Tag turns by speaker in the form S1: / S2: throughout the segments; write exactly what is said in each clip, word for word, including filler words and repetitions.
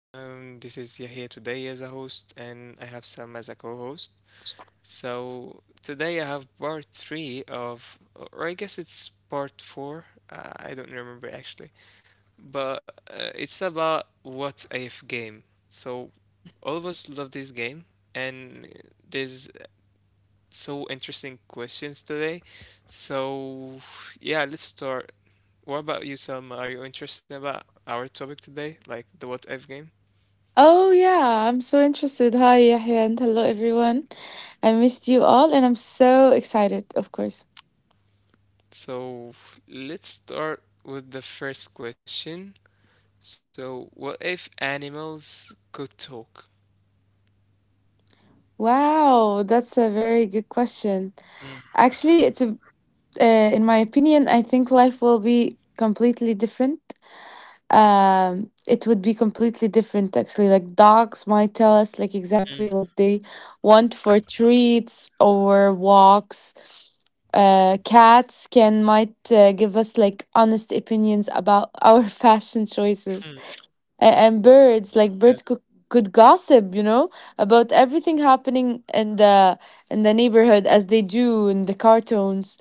S1: Um, this is Yahya today as a host, and I have Sam as a co-host. So today I have part three of, or I guess it's part four. Uh, I don't remember actually, but uh, it's about what's if game. So all of us love this game, and there's so interesting questions today. So yeah, let's start. What about you, Selma? Are you interested about our topic today, like the what if game?
S2: Oh, yeah, I'm so interested. Hi, Yahya, and hello, everyone. I missed you all, and I'm so excited, of course.
S1: So let's start with the first question. So what if animals could talk?
S2: Wow, that's a very good question.
S1: Mm,
S2: Actually, it's a, uh, in my opinion, I think life will be completely different. Um it would be completely different actually Like dogs might tell us like
S1: mm,
S2: exactly what they want for treats or walks. Uh cats can might uh, give us like honest opinions about our fashion
S1: mm,
S2: choices. A- and
S1: yeah,
S2: birds like Birds could could gossip, you know about everything happening in the in the neighborhood, as they do in the
S1: yeah.
S2: cartoons.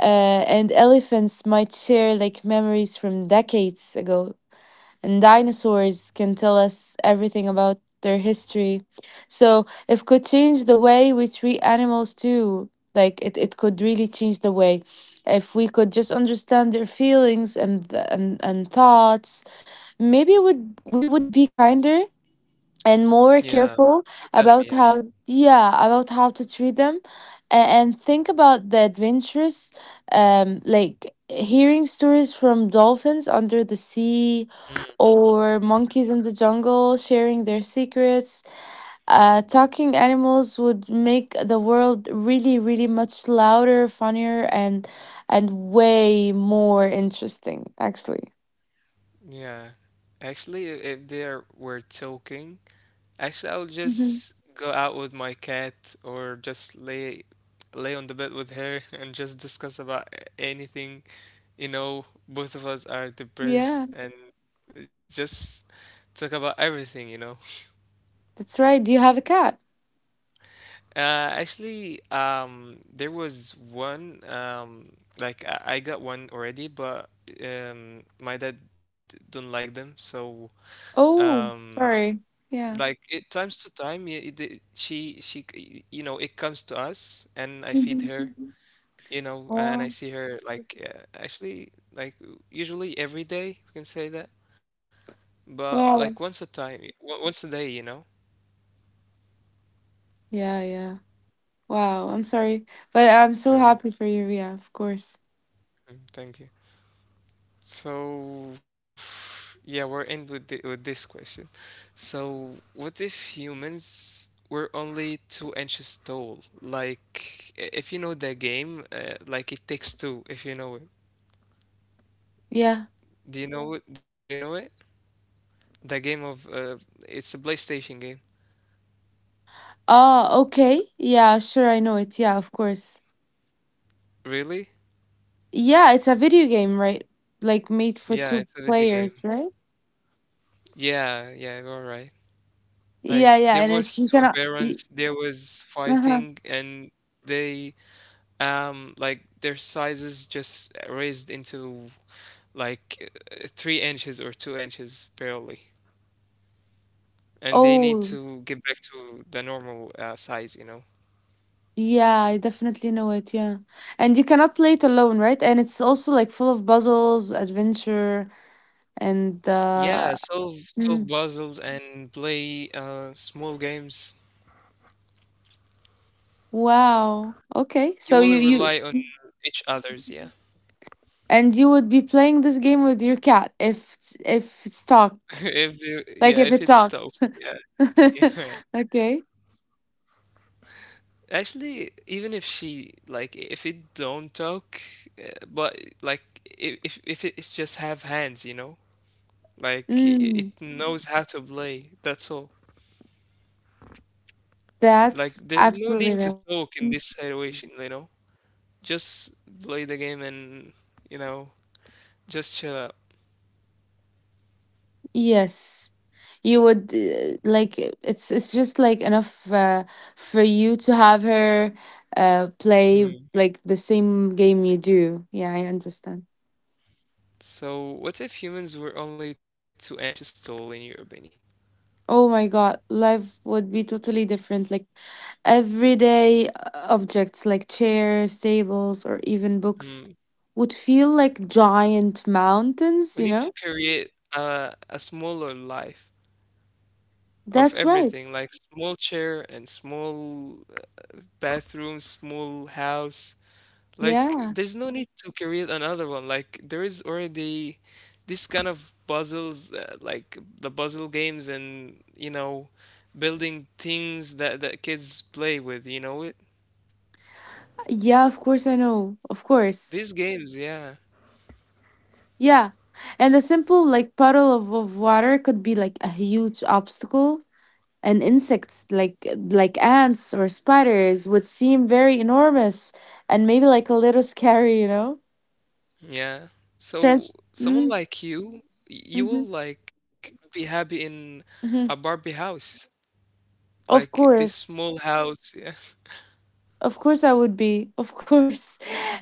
S2: uh, And elephants might share like memories from decades ago, and dinosaurs can tell us everything about their history. So if could change the way we treat animals too. Like it, it could really change the way. If we could just understand their feelings and and, and thoughts, maybe would we would be kinder and
S1: Yeah,
S2: more
S1: to
S2: careful
S1: them, yeah.
S2: about how, yeah, about how to treat them, and, and think about the adventures, um like hearing stories from dolphins under the sea,
S1: Mm,
S2: or monkeys in the jungle sharing their secrets. Uh talking animals would make the world really really much louder, funnier, and and way more interesting actually.
S1: yeah. Actually, if if they are, were talking, actually I would
S2: Mhm.
S1: just go out with my cat or just lay lay on the bed with her and just discuss about a- anything. You know, both of us are depressed
S2: Yeah,
S1: and just talk about everything, you know.
S2: that's right, do you have a cat?
S1: Uh, actually, um, there was one, um, like I, I got one already, but um, my dad don't like them, so
S2: Oh,
S1: um,
S2: sorry.
S1: like
S2: Yeah.
S1: it times to time y- it, it- she she c- you know it comes to us and I feed her,
S2: Mhm.
S1: you know, and I
S2: Wow.
S1: see her like uh, actually like usually every day we can say that, but like once a
S2: Wow.
S1: time o- once a day, you know.
S2: Yeah, yeah. Wow. I'm sorry. But I'm so
S1: Yeah.
S2: happy for you. Yeah, of course.
S1: Mm, thank you. So yeah we're end with the, with this question. So what if humans were only two inches tall? Like i- if you know the game, uh, like It Takes Two, if you know it.
S2: Yeah.
S1: Do you know it? Do you know it? The game of uh, it's a PlayStation game.
S2: Oh, okay. Yeah, sure. I know it. Yeah, of course.
S1: Really?
S2: Yeah, it's a video game, right? Like made for
S1: Yeah,
S2: two
S1: it's a video game.
S2: players, right?
S1: Yeah, yeah, you're right. Like
S2: Yeah, yeah.
S1: there
S2: And
S1: was
S2: it's you
S1: two
S2: cannot. You,
S1: barons, there was
S2: uh-huh.
S1: fighting, and they um like their sizes just raised into like uh, three inches or two inches barely, and they need
S2: Oh,
S1: to get back to the normal uh, size, you know.
S2: yeah. I definitely know it. Yeah. And you cannot play it alone, right? And it's also like full of puzzles, adventure, and uh,
S1: Yeah, solve solve puzzles and play uh small games.
S2: wow. Okay. So
S1: You
S2: you
S1: will
S2: you
S1: rely on each others, yeah.
S2: and you would be playing this game with your cat if it's- if it's talk,
S1: If the
S2: like
S1: yeah,
S2: if
S1: if
S2: it
S1: it talks,
S2: talks.
S1: yeah, yeah.
S2: Okay.
S1: Actually, even if she like, if it don't talk, uh, but like, i- if if it it's just have hands, you know, like it,
S2: Mm,
S1: it knows how to play. That's all. Like,
S2: that's
S1: there's no
S2: absolutely
S1: need to
S2: right.
S1: talk in
S2: Mm,
S1: this situation, you know. Just play the game and, you know, just chill out.
S2: yes. You would, uh, like uh, it's it's just like enough uh, for you to have her uh play
S1: Hmm.
S2: like the same game you do. Yeah, I understand.
S1: So, what if humans were only too anxious to, in your opinion?
S2: Oh my God, life would be totally different. Like everyday uh, objects like chairs, tables, or even books would feel like giant
S1: We
S2: mountains, you
S1: need to
S2: know?
S1: create a, a smaller life of
S2: That's right.
S1: everything, like small chair and small bathroom, small house. Like,
S2: Yeah.
S1: there's no need to create another one. Like, there is already this kind of puzzles, uh, like the puzzle games and, you know, building things that, that kids play with, you know it?
S2: Yeah, of course I know. Of course.
S1: These games, yeah.
S2: Yeah. And a simple like puddle of, of water could be like a huge obstacle. And insects like like ants or spiders would seem very enormous and maybe like a little scary, you know?
S1: Yeah.
S2: Trans
S1: So
S2: hmm?
S1: someone like you, y- you
S2: Mhm,
S1: will like be happy in a
S2: mhm.
S1: Barbie house.
S2: Of
S1: Like this
S2: course.
S1: small house, yeah,
S2: Of course I would be. Of course.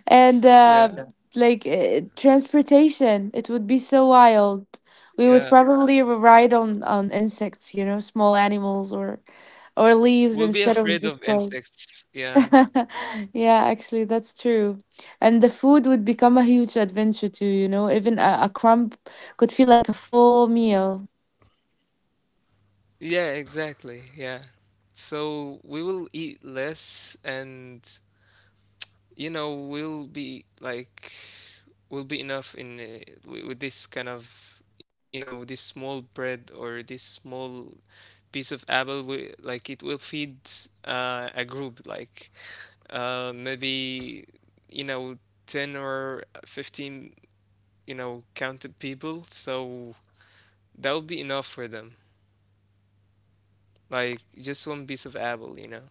S2: And uh yeah.
S1: yeah,
S2: Like, uh, transportation, it would be so wild. We would
S1: yeah.
S2: probably ride on on insects, you know, small animals or or leaves
S1: We'll
S2: instead
S1: be
S2: of just
S1: afraid of
S2: clothes.
S1: insects, yeah.
S2: Yeah, actually that's true. And the food would become a huge adventure too, you know. Even a, a crumb could feel like a full meal.
S1: Yeah, exactly. Yeah. So we will eat less, and you know we'll be like we'll be enough in uh, wi- with this kind of, you know, this small bread or this small piece of apple we, like it will feed uh, a group like uh, maybe, you know, ten or fifteen, you know, counted people, so that would be enough for them. Like just one piece of apple, you know.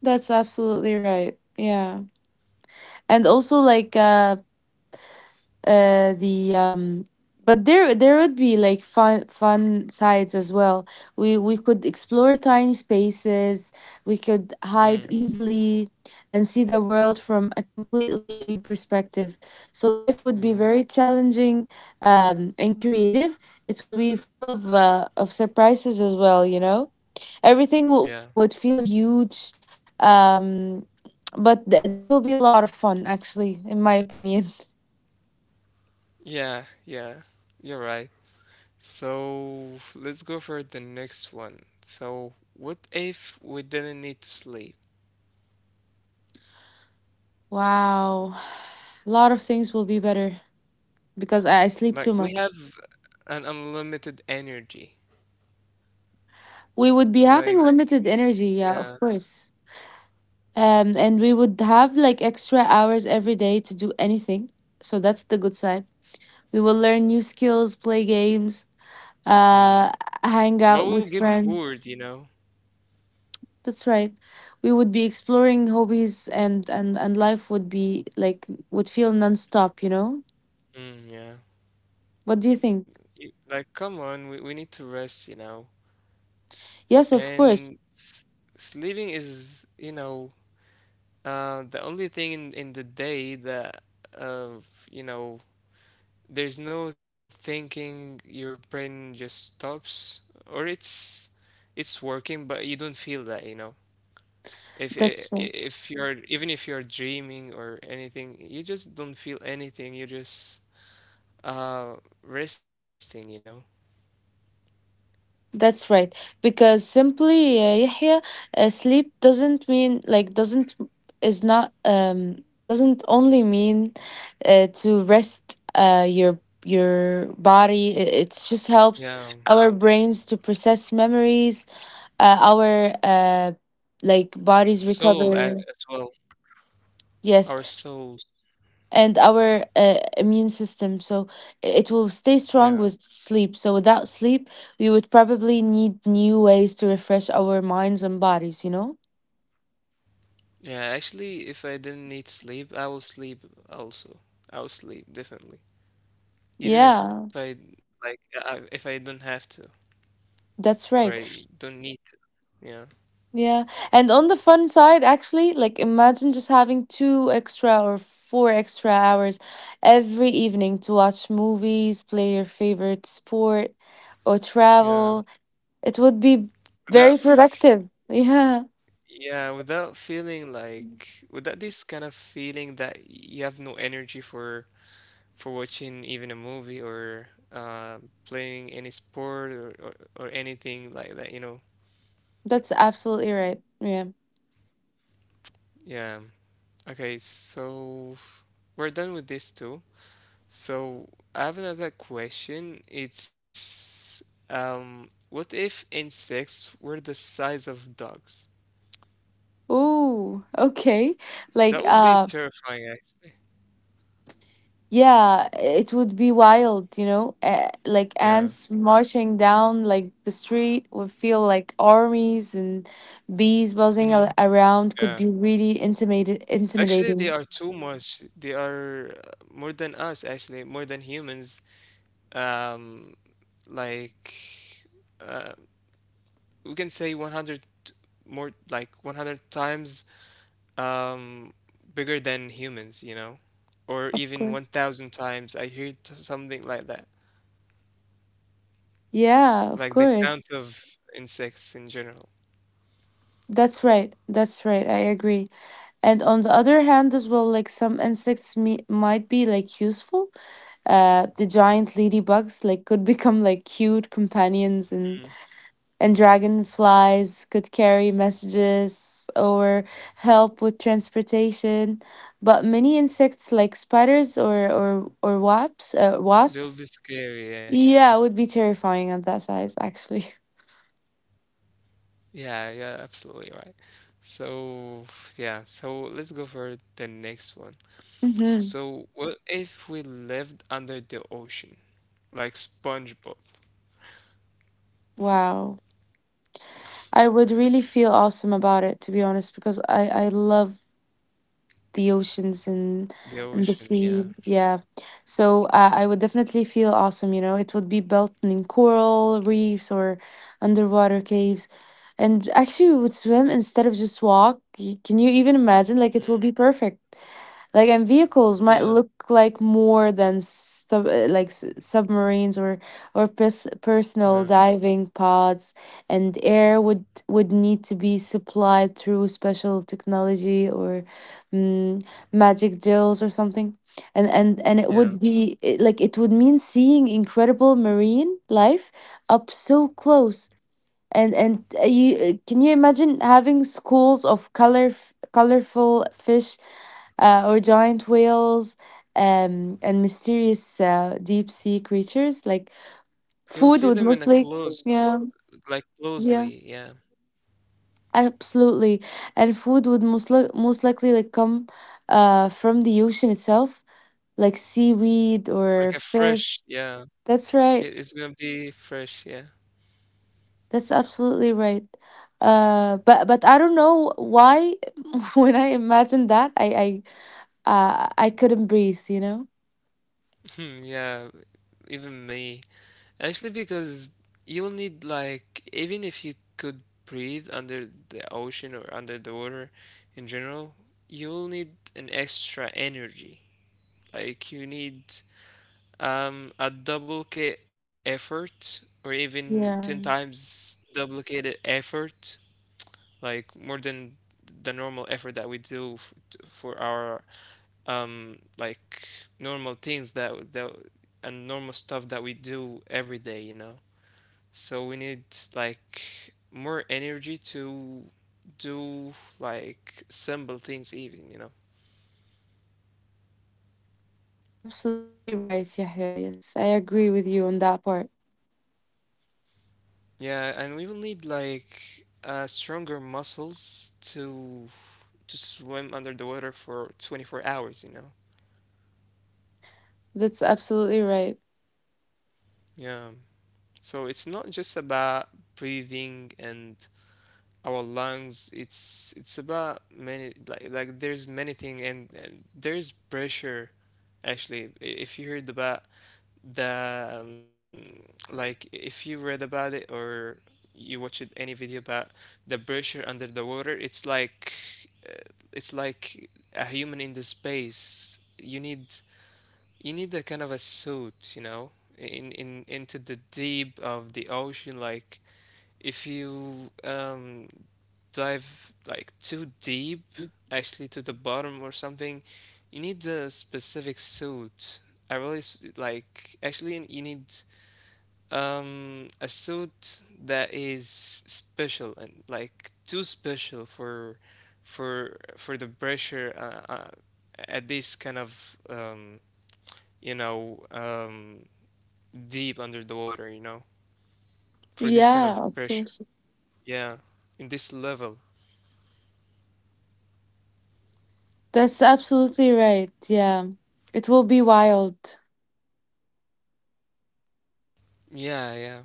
S2: That's absolutely right. Yeah. And also like uh uh the um but there there would be like fun fun sides as well. We we could explore tiny spaces, we could hide
S1: Mm,
S2: easily, and see the world from a completely new perspective. So life would be
S1: mm,
S2: very challenging um and creative. It will be full of uh, of surprises as well, you know, everything will,
S1: yeah,
S2: will would feel huge, um but th- there will be a lot of fun actually in my opinion.
S1: yeah, yeah. You're right. So let's go for the next one. So what if we didn't need to sleep?
S2: Wow. A lot of things will be better because I I sleep too
S1: Like we
S2: much.
S1: have an unlimited energy.
S2: We would be having
S1: Like
S2: limited energy, yeah, of
S1: yeah,
S2: course. Um, and we would have like extra hours every day to do anything. So that's the good side. We will learn new skills, play games, uh,
S1: hmm.
S2: hang out
S1: But
S2: with
S1: we'll get
S2: friends.
S1: bored, you know.
S2: That's right. We would be exploring hobbies and, and, and life would be like, would feel nonstop, you know?
S1: Mm, yeah.
S2: What do you think?
S1: Y- Like come on, we we need to rest, you know.
S2: Yes, of course.
S1: And s- sleeping is, you know, uh, the only thing in, in the day that, uh, you know, there's no thinking. Your brain just stops, or it's it's working, but you don't feel that, you know. If
S2: That's
S1: i-
S2: true.
S1: i- if you're, even if you're dreaming or anything, you just don't feel anything. You're just uh resting, you know.
S2: That's right. Because simply, uh, Yahya, uh, sleep doesn't mean like doesn't is not um doesn't only mean uh, to rest uh your your body. It, it just helps
S1: Yeah,
S2: our brains to process memories. Uh, our uh like bodies
S1: soul a-
S2: recover.
S1: as well.
S2: Yes,
S1: Our souls.
S2: and our uh, immune system, so it will stay strong with sleep. So without sleep we would probably need new ways to refresh our minds and bodies, you know.
S1: Yeah, actually, if I didn't need sleep, I will sleep also. I will sleep definitely, even if I
S2: Yeah,
S1: like I, if I don't have to or
S2: that's
S1: I
S2: right.
S1: don't need to. Yeah,
S2: Yeah, and on the fun side, actually, like imagine just having two extra or four extra hours every evening to watch movies, play your favorite sport, or
S1: yeah.
S2: travel. It would be
S1: Without,
S2: very
S1: f-
S2: productive. Yeah,
S1: yeah, without feeling like without this kind of feeling that you have no energy for for watching even a movie or uh playing any sport or or, or anything like that, you know.
S2: that's absolutely right. Yeah.
S1: Yeah. Okay, so we're done with this too. So I have another question. It's um, what if insects were the size of dogs?
S2: Oh, okay. Like,
S1: That would be
S2: uh,
S1: terrifying, actually.
S2: yeah, it would be wild, you know? Uh, like
S1: Yeah.
S2: ants marching down like the street would feel like armies, and bees buzzing
S1: Hmm.
S2: a around could
S1: Yeah.
S2: be really intimidated
S1: Actually, they
S2: intimidating.
S1: are too much. They are uh, more than us, actually, more than humans. Um, like, uh, we can say a hundred more, like a hundred times um, bigger than humans, you know, or
S2: Of
S1: even
S2: course.
S1: a thousand times. I heard t- something like that,
S2: Yeah, of
S1: like the count
S2: course.
S1: of insects in general.
S2: That's right. That's right. I agree. And on the other hand, as well, like some insects me- might be like useful. Uh, the giant ladybugs like could become like cute companions, and and dragonflies could carry messages or help with transportation. But many insects, like spiders or or or wasps, uh,
S1: They'll be
S2: wasps,
S1: scary, yeah.
S2: yeah, would be terrifying at that size, actually.
S1: Yeah, yeah, absolutely right. So, yeah, so let's go for the next one.
S2: Hmm.
S1: So, what if we lived under the ocean? Like SpongeBob.
S2: Wow. I would really feel awesome about it, to be honest, because I I love the oceans and
S1: The
S2: and the
S1: ocean, yeah.
S2: sea. Yeah. So uh, I would definitely feel awesome. You know, it would be built in coral reefs or underwater caves. And actually, we would swim instead of just walk. Y- Can you even imagine? Like,
S1: Hmm.
S2: it will be perfect. Like, and vehicles
S1: Yeah,
S2: might look like more than sub, uh, like s- submarines or or pers-
S1: yeah,
S2: personal diving pods, and air would would need to be supplied through special technology or, mm, magic gels or something. And and and it
S1: yeah.
S2: would be it- like it would mean seeing incredible marine life up so close. And and uh, you uh, can you imagine having schools of color colorful fish, uh, or giant whales, um and mysterious uh, deep sea creatures. Like,
S1: You'll
S2: food
S1: see
S2: would
S1: them in a
S2: mostly,
S1: close,
S2: yeah
S1: like
S2: yeah
S1: closely, yeah.
S2: absolutely. And food would most, li- most likely like come uh from the ocean itself, like seaweed or
S1: Like a
S2: fish.
S1: fresh, yeah.
S2: That's right.
S1: It, it's gonna be fresh, yeah.
S2: That's absolutely right. Uh, but but I don't know why when I imagined that I I uh, I couldn't breathe, you know?
S1: Yeah, even me. Actually, because you'll need like even if you could breathe under the ocean or under the water in general, you'll need an extra energy. Like you need um a double K effort or even ten
S2: Yeah.
S1: times duplicated effort, like more than the normal effort that we do f- t- for our um like normal things that that and normal stuff that we do every day, you know. So we need like more energy to do like simple things even, you know.
S2: That's absolutely right, Yahya. Yes, I agree with you on that part.
S1: Yeah, and we will need like uh stronger muscles to to swim under the water for twenty-four hours, you know.
S2: That's absolutely right.
S1: Yeah, so it's not just about breathing and our lungs. it's it's about many like like there's many thing and, and there's pressure. Actually, I- if you heard about the um, like if you read about it or you watched any video about the pressure under the water, it's like uh, it's like a human in the space. You need, you need a kind of a suit, you know. In in into the deep of the ocean, like if you um dive like too deep, actually to the bottom or something, you need a specific suit. I really s- like actually you need um a suit that is special and like too special for for for the pressure uh, uh, at this kind of um you know um deep under the water, you know, for this kind of
S2: Yeah, of
S1: pressure.
S2: course.
S1: Yeah, in this level.
S2: That's absolutely right. Yeah. It will be wild.
S1: Yeah, yeah.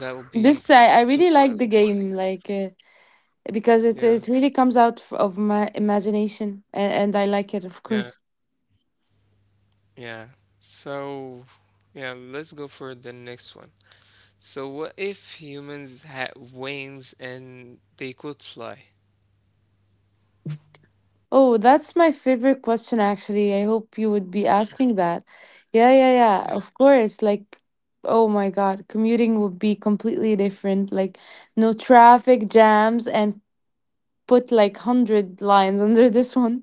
S1: That would be
S2: This I, I
S1: too
S2: really
S1: oily.
S2: like the game like uh, because it
S1: Yeah,
S2: it really comes out f- of my imagination, and, and I like it, of
S1: yeah,
S2: course.
S1: yeah. So, yeah, let's go for the next one. So, what if humans had wings and they could fly?
S2: Oh, that's my favorite question, actually. I hope you would be
S1: Hmm,
S2: asking that. Yeah, yeah, yeah,
S1: yeah,
S2: of course. Like, oh my God, commuting would be completely different. Like, no traffic jams, and put like one hundred lines under this one.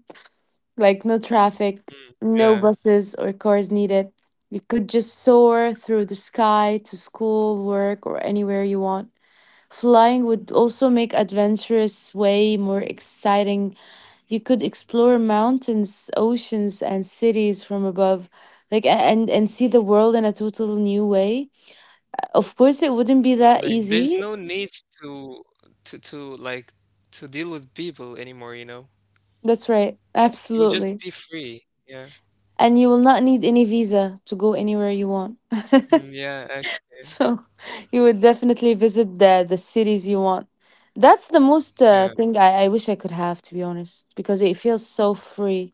S2: Like, no traffic,
S1: hmm,
S2: no
S1: yeah.
S2: buses or cars needed. You could just soar through the sky to school, work, or anywhere you want. Flying would also make adventurous way more exciting. You could explore mountains, oceans, and cities from above, like a- and and see the world in a total new way. Of course, it wouldn't be
S1: Like,
S2: that
S1: there's no
S2: easy.
S1: need to to to like to deal with people anymore, you know?
S2: That's right.
S1: You'll just
S2: Absolutely.
S1: be free. Yeah.
S2: And you will not need any visa to go anywhere you want.
S1: Mm, yeah, actually.
S2: So you would definitely visit the the cities you want. That's the most
S1: Yeah.
S2: uh, thing I, I wish I could have, to be honest, because it feels so free.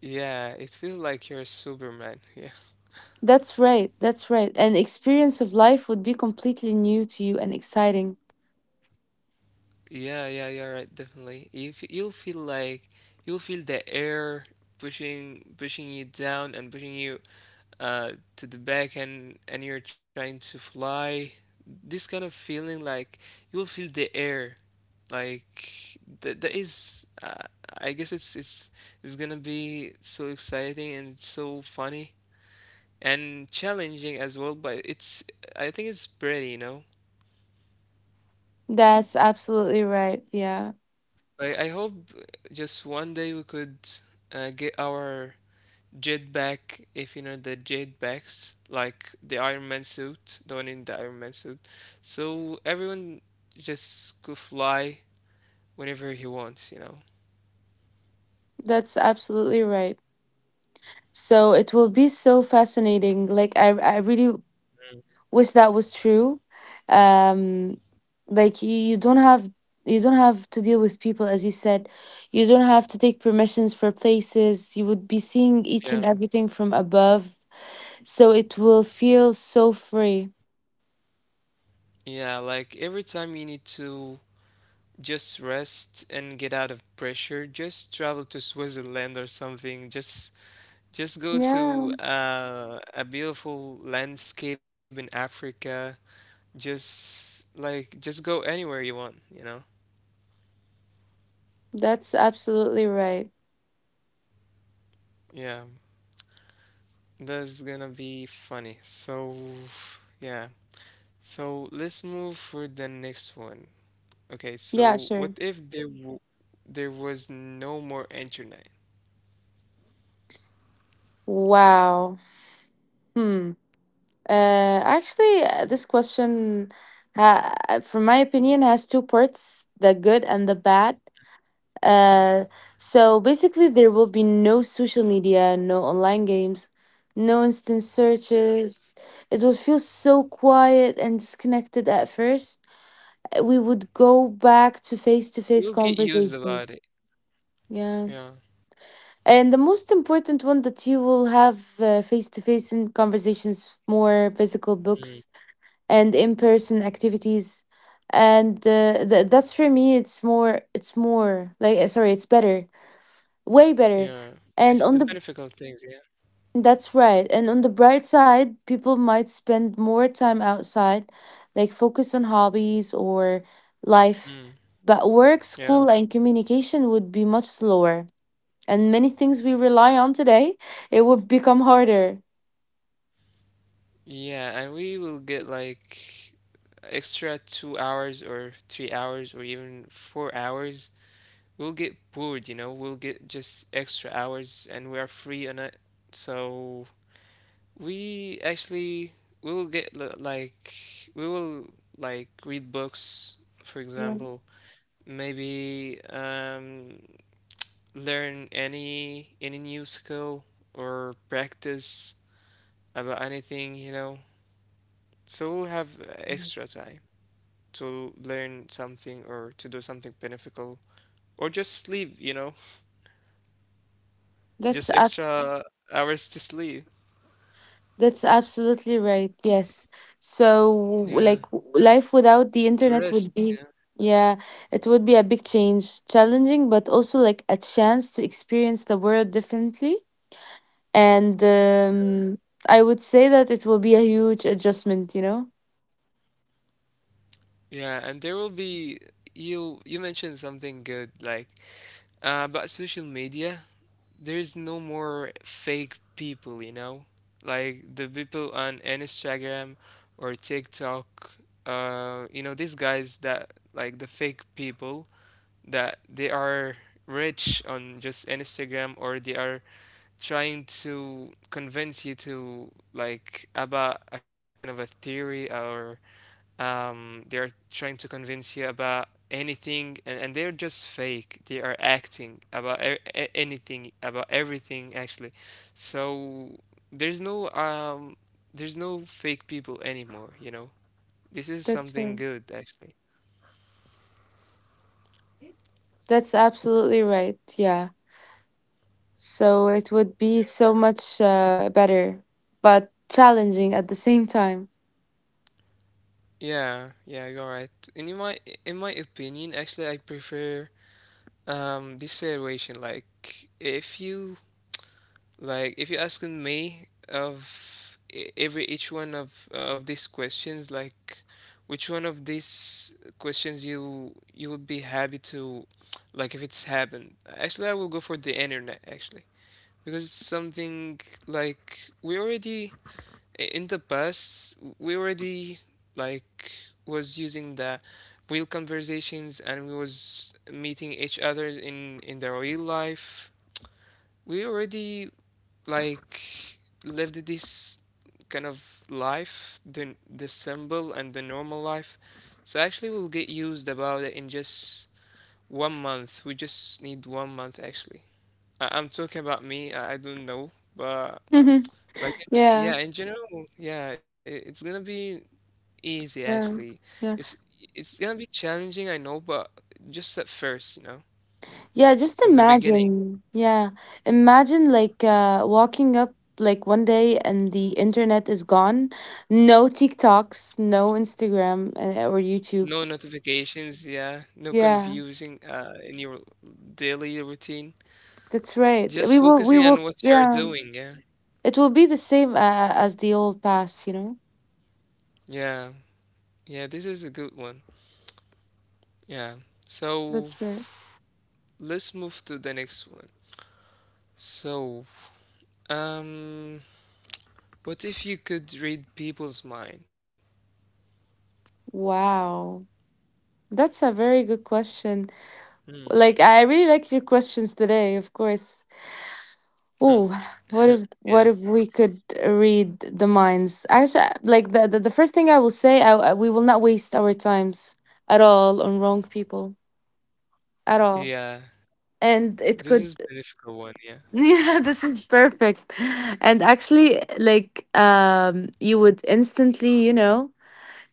S1: Yeah, it feels like you're Superman. Yeah.
S2: That's right. That's right. An experience of life would be completely new to you and exciting.
S1: Yeah, yeah, you're right, definitely. If you'll feel like you'll feel the air pushing pushing you down and pushing you uh to the back, and and you're trying to fly. This kind of feeling, like you'll feel the air like th that is uh, I guess it's it's it's gonna be so exciting, and it's so funny and challenging as well, but it's I think it's pretty, you know?
S2: That's absolutely right. Yeah,
S1: I, I hope just one day we could uh, get our jetpack, if you know the jetpacks, like the Iron Man suit, the one in the Iron Man suit. So everyone just could fly whenever he wants, you know?
S2: that's absolutely right. So it will be so fascinating. Like I, I really wish that was true. Um, like you, you don't have you don't have to deal with people as you said. You don't have to take permissions for places. You would be seeing each and
S1: Yeah.
S2: everything from above. So it will feel so free.
S1: Yeah, like every time you need to just rest and get out of pressure, just travel to Switzerland or something. Just just go
S2: Yeah,
S1: to uh, a beautiful landscape in Africa, just like just go anywhere you want, you know?
S2: that's absolutely right.
S1: Yeah, that's gonna be funny. So, yeah. So let's move for the next one. Okay,
S2: Yeah,
S1: so what
S2: sure.
S1: if there w there was no more internet?
S2: Wow. Hmm. Uh, actually, uh, this question, ha uh, from my opinion, has two parts, the good and the bad. Uh, so basically, there will be no social media, no online games, no instant
S1: Yeah.
S2: searches. It would feel so quiet and disconnected at first. Uh, We would go back to face-to-face
S1: You'll get used about
S2: conversations.
S1: it.
S2: Yeah.
S1: Yeah.
S2: And the most important one, that you will have uh, face-to-face in conversations, more physical
S1: Mm.
S2: books and in-person activities, and uh, th- that's for me, it's more it's more like uh, sorry it's better, way better.
S1: Yeah. It's
S2: And
S1: the
S2: on the,
S1: benefit of things, yeah.
S2: that's right, and on the bright side, people might spend more time outside, like focus on hobbies or life,
S1: Mm.
S2: but work,
S1: Yeah.
S2: school, and communication would be much slower, and many things we rely on today, it would become harder.
S1: Yeah, and we will get like extra two hours or three hours or even four hours. We'll get bored, you know, we'll get just extra hours and we are free on it. So we actually will get li- like we will like read books, for
S2: Yeah,
S1: example, maybe um, learn any any new skill or practice about anything, you know. So we'll have uh, extra time to learn something or to do something beneficial or just sleep, you know,
S2: that's
S1: just
S2: us.
S1: extra hours to sleep.
S2: That's absolutely right. Yes. So,
S1: Yeah,
S2: like, w- life without
S1: to
S2: the
S1: rest.
S2: internet would
S1: Yeah,
S2: be, yeah, it would be a big change, challenging, but also like a chance to experience the world differently. And um, I would say that it will be a huge adjustment, you know?
S1: yeah, and there will be you. You mentioned something good, like uh, about social media. There's no more fake people, you know, like the people on Instagram or TikTok. Uh, you know, these guys that like the fake people that they are rich on just Instagram, or they are trying to convince you to like about a kind of a theory, or um, they're trying to convince you about anything, and, and they're just fake. They are acting about e- e- anything, about everything actually. So there's no um there's no fake people anymore, you know. This is
S2: That's
S1: something
S2: right.
S1: good actually.
S2: That's absolutely right. Yeah. So, it would be so much uh, better, but challenging at the same time.
S1: Yeah, yeah, you're right. And in my in my opinion, actually, I prefer um this situation. Like, if you like if you're asking me of e- every each one of of these questions, like which one of these questions you you would be happy to, like if it's happened. Actually, I will go for the internet actually, because it's something like we already i- in the past we already, like, was using the real conversations, and we was meeting each other in in the real life. We already, like, lived this kind of life, the the symbol and the normal life. So actually, we'll get used about it in just one month. We just need one month actually. I, I'm talking about me. I, I don't know, but,
S2: Yeah.
S1: like, yeah, in general, yeah, it, it's gonna be easy
S2: Yeah.
S1: actually.
S2: Yeah.
S1: It's it's gonna be challenging, I know, but just at first, you know,
S2: Yeah, just
S1: at the beginning.
S2: imagine. Yeah, imagine like uh, walking up like one day and the internet is gone. No TikToks, no Instagram uh, or YouTube.
S1: No notifications, yeah, no
S2: Yeah,
S1: confusing uh, in your daily routine.
S2: that's right. We
S1: Just
S2: will, we
S1: focusing
S2: will,
S1: on what you are
S2: yeah.
S1: doing, yeah.
S2: It will be the same uh, as the old past, you know?
S1: Yeah, yeah, this is a good one. Yeah. So
S2: That's right.
S1: let's move to the next one. So, um, what if you could read people's mind?
S2: Wow. That's a very good question.
S1: Hmm.
S2: Like, I really liked your questions today, of course.
S1: Hmm.
S2: Ooh, what if
S1: Yeah.
S2: what if we could read the minds? Actually, like the the, the first thing I will say, I, I- we will not waste our times at all on wrong people at all.
S1: Yeah.
S2: And
S1: This
S2: it
S1: is
S2: could,
S1: a difficult one, yeah.
S2: yeah, this is perfect. And actually, like, um, you would instantly, you know,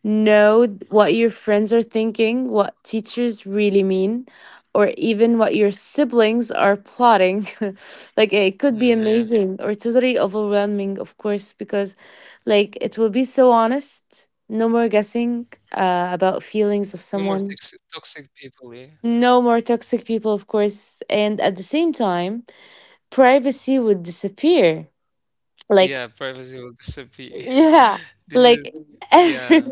S2: know what your friends are thinking, what teachers really mean, or even what your siblings are plotting. Like it could be
S1: Hmm, yeah.
S2: amazing or totally overwhelming, of course, because like it will be so honest. No more guessing uh, about
S1: No
S2: feelings of
S1: more toxic
S2: someone.
S1: toxic people, yeah.
S2: No more toxic people, of course. And at the same time, privacy would disappear. Like,
S1: Yeah, privacy will disappear.
S2: yeah,
S1: This is,
S2: like every.
S1: yeah.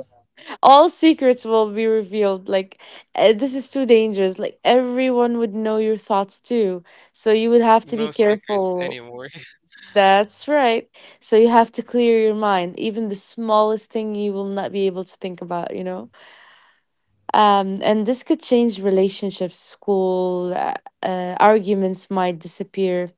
S2: All secrets will be revealed like eh, this is too dangerous. Like everyone would know your thoughts too, so you would have to
S1: No
S2: be
S1: secrets
S2: careful.
S1: anymore.
S2: That's right. So you have to clear your mind, even the smallest thing you will not be able to think about, you know. Um, and this could change relationships, school, uh, uh, arguments might disappear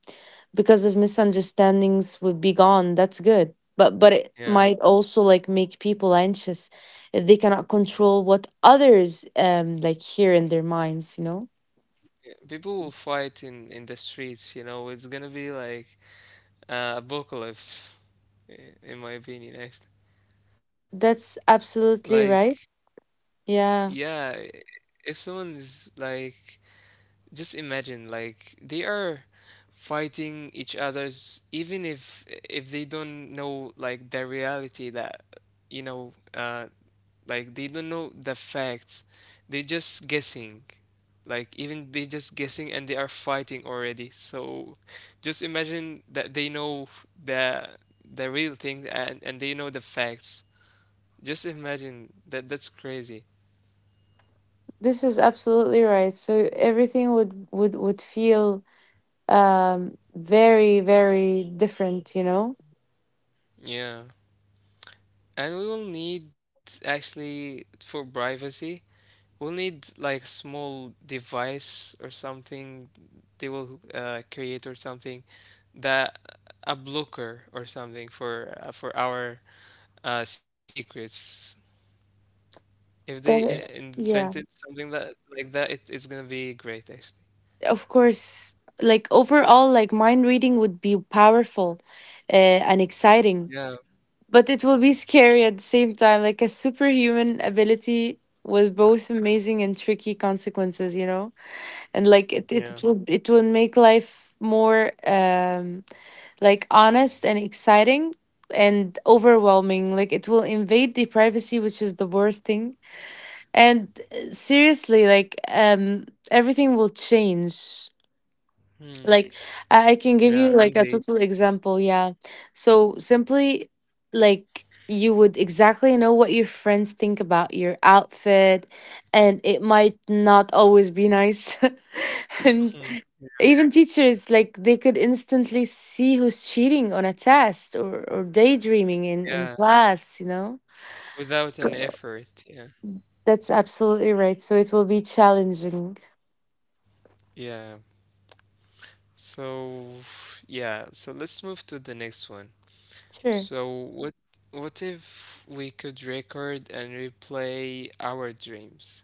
S2: because of misunderstandings would be gone. That's good. But but it
S1: Yeah.
S2: might also like make people anxious if they cannot control what others um like hear in their minds, you know?
S1: People will fight in in the streets, you know. It's gonna be like uh, apocalypse, i- in my opinion, actually.
S2: That's absolutely
S1: Like,
S2: right. Yeah,
S1: yeah, i- if someone's like, just imagine like they are fighting each other's, even if if they don't know like the reality that, you know, uh like they don't know the facts. They just guessing. Like, even they just guessing and they are fighting already. So just imagine that they know the the real thing, and, and they know the facts. Just imagine that that's crazy.
S2: this is absolutely right. So everything would would would feel um very very different, you know?
S1: Yeah. And we will need actually for privacy. We'll need like small device or something they will uh, create or something that, a blocker or something for uh, for our uh, secrets. If they uh,
S2: There,
S1: invented
S2: yeah.
S1: something that like that, it, it's gonna be great actually.
S2: Of course, like overall, like mind reading would be powerful uh, and exciting,
S1: Yeah,
S2: but it will be scary at the same time, like a superhuman ability with both amazing and tricky consequences, you know. And like it, it,
S1: yeah,
S2: it will it will make life more um like honest and exciting and overwhelming. Like it will invade the privacy, which is the worst thing. And uh, seriously, like um everything will change.
S1: hmm.
S2: Like I, I can give
S1: Yeah,
S2: you like a
S1: indeed.
S2: total example, yeah. So simply, like you would exactly know what your friends think about your outfit, and it might not always be nice. And
S1: Hmm.
S2: even teachers, like they could instantly see who's cheating on a test, or, or daydreaming in in
S1: Yeah,
S2: class, you know.
S1: without an
S2: So
S1: effort. Yeah,
S2: that's absolutely right, so it will be challenging.
S1: yeah. So yeah, so let's move to the next one.
S2: Sure.
S1: So what what if we could record and replay our dreams?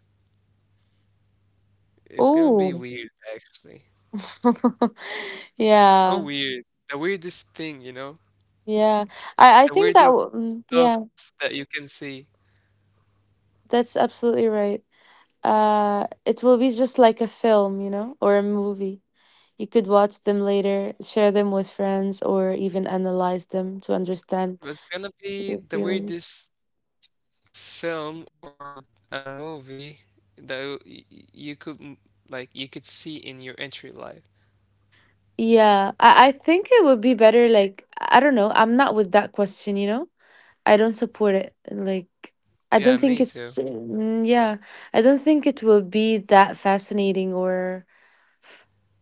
S1: It's gonna be
S2: Oh,
S1: weird, actually.
S2: yeah.
S1: So weird. The weirdest thing, you know?
S2: Yeah, I I think
S1: The
S2: that w-
S1: weirdest
S2: mm, yeah,
S1: stuff that you can see.
S2: that's absolutely right. Uh, it will be just like a film, you know, or a movie. You could watch them later, share them with friends, or even analyze them to understand
S1: It's gonna be
S2: your
S1: the
S2: feelings.
S1: weirdest film or a movie that you y- you could m- like you could see in your entry life.
S2: Yeah, I I think it would be better. Like I don't know, I'm not with that question. You know, I don't support it. Like I
S1: Yeah,
S2: don't
S1: me
S2: think
S1: too.
S2: it's mm, yeah, I don't think it will be that fascinating or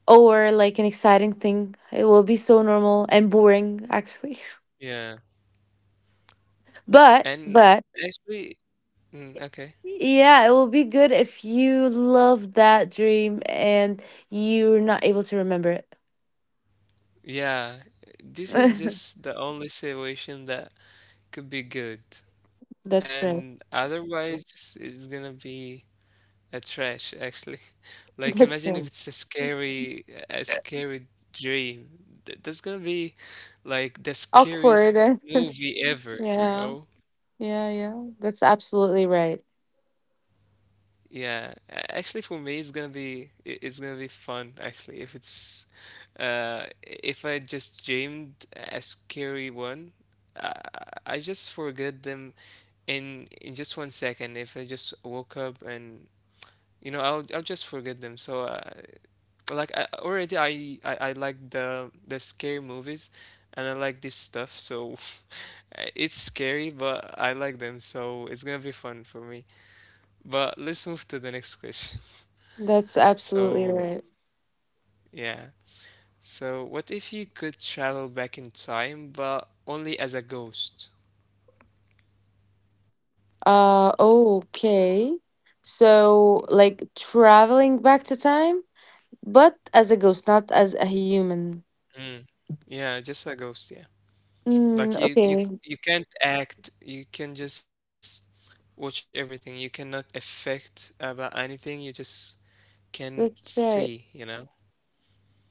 S2: or like an exciting thing. It will be so normal and boring actually.
S1: Yeah.
S2: But
S1: And
S2: but
S1: actually, mm, okay.
S2: yeah, it will be good if you love that dream and you're not able to remember it.
S1: Yeah, this is just the only situation that could be good.
S2: That's
S1: And
S2: right.
S1: otherwise, it's gonna be a trash, actually. Like, imagine
S2: That's
S1: if it's
S2: right.
S1: a scary, a scary dream. Th- That's gonna be like the
S2: Awkward.
S1: scariest
S2: and-
S1: movie ever, you
S2: yeah.
S1: know?
S2: Yeah, yeah. That's absolutely right.
S1: Yeah, a- actually, for me, it's gonna be i- it's gonna be fun. Actually, if it's uh, if I just dreamed a scary one, I, I just forget them in in just one second. If I just woke up and, you know, I'll I'll just forget them. So, uh, like I, already, I, I I like the the scary movies, and I like this stuff. So, it's scary, but I like them. So it's gonna be fun for me. But let's move to the next question.
S2: That's absolutely
S1: So,
S2: right.
S1: yeah. So, what if you could travel back in time, but only as a ghost?
S2: Uh okay. So like traveling back to time, but as a ghost, not as a human.
S1: Mm. Yeah, just a ghost, yeah.
S2: Mm,
S1: Like you you
S2: okay,
S1: you can't act, you can just watch everything. You cannot affect about anything. You just can
S2: that's
S1: see, you
S2: right.
S1: know?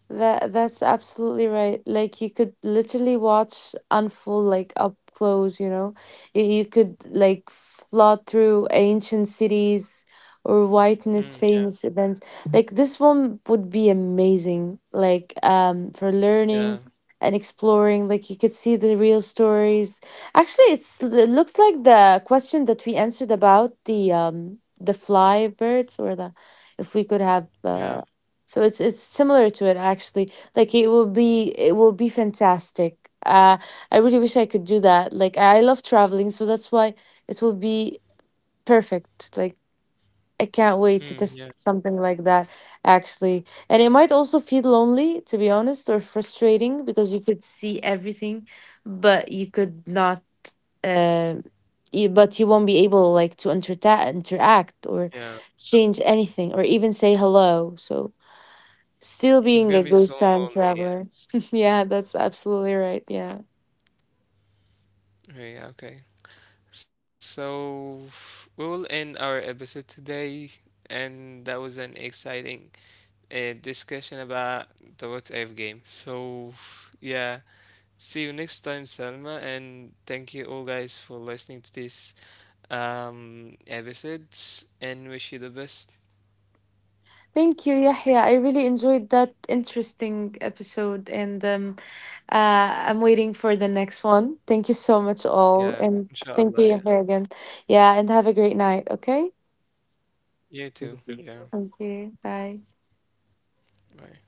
S2: That that's absolutely right. Like you could literally watch unfold like up close, you know. You, you could like flood through ancient cities or witness
S1: Mm, yeah.
S2: famous events. Like this one would be amazing. Like um for learning
S1: Yeah.
S2: and exploring. Like you could see the real stories. Actually, it's it looks like the question that we answered about the um the fly birds or the if we could have uh,
S1: Yeah.
S2: so it's it's similar to it actually. Like it will be it will be fantastic. Uh, I really wish I could do that. Like I love traveling, so that's why it will be perfect. Like I can't wait to
S1: Mm,
S2: test
S1: yeah.
S2: something like that actually. And it might also feel lonely, to be honest, or frustrating because you could see everything, but you could not. Uh, you, but you won't be able like to interta- interact or
S1: Yeah.
S2: change anything or even say hello. So still being a
S1: It's gonna
S2: ghost
S1: be
S2: time
S1: so lonely,
S2: traveler.
S1: yeah.
S2: Yeah, that's absolutely right. Yeah.
S1: Yeah, yeah, okay. So we will end our episode today, and that was an exciting uh, discussion about the What If game. So yeah, see you next time, Salma, and thank you all guys for listening to this um episode, and wish you the best.
S2: Thank you, Yahya. I really enjoyed that interesting episode, and um, uh, I'm waiting for the next one. Thank you so much, all,
S1: Yeah,
S2: and thank
S1: inshallah.
S2: you,
S1: Yeah,
S2: Yahya, again. Yeah, and have a great night. Okay.
S1: you too. Yeah,
S2: Thank you. Bye.
S1: bye.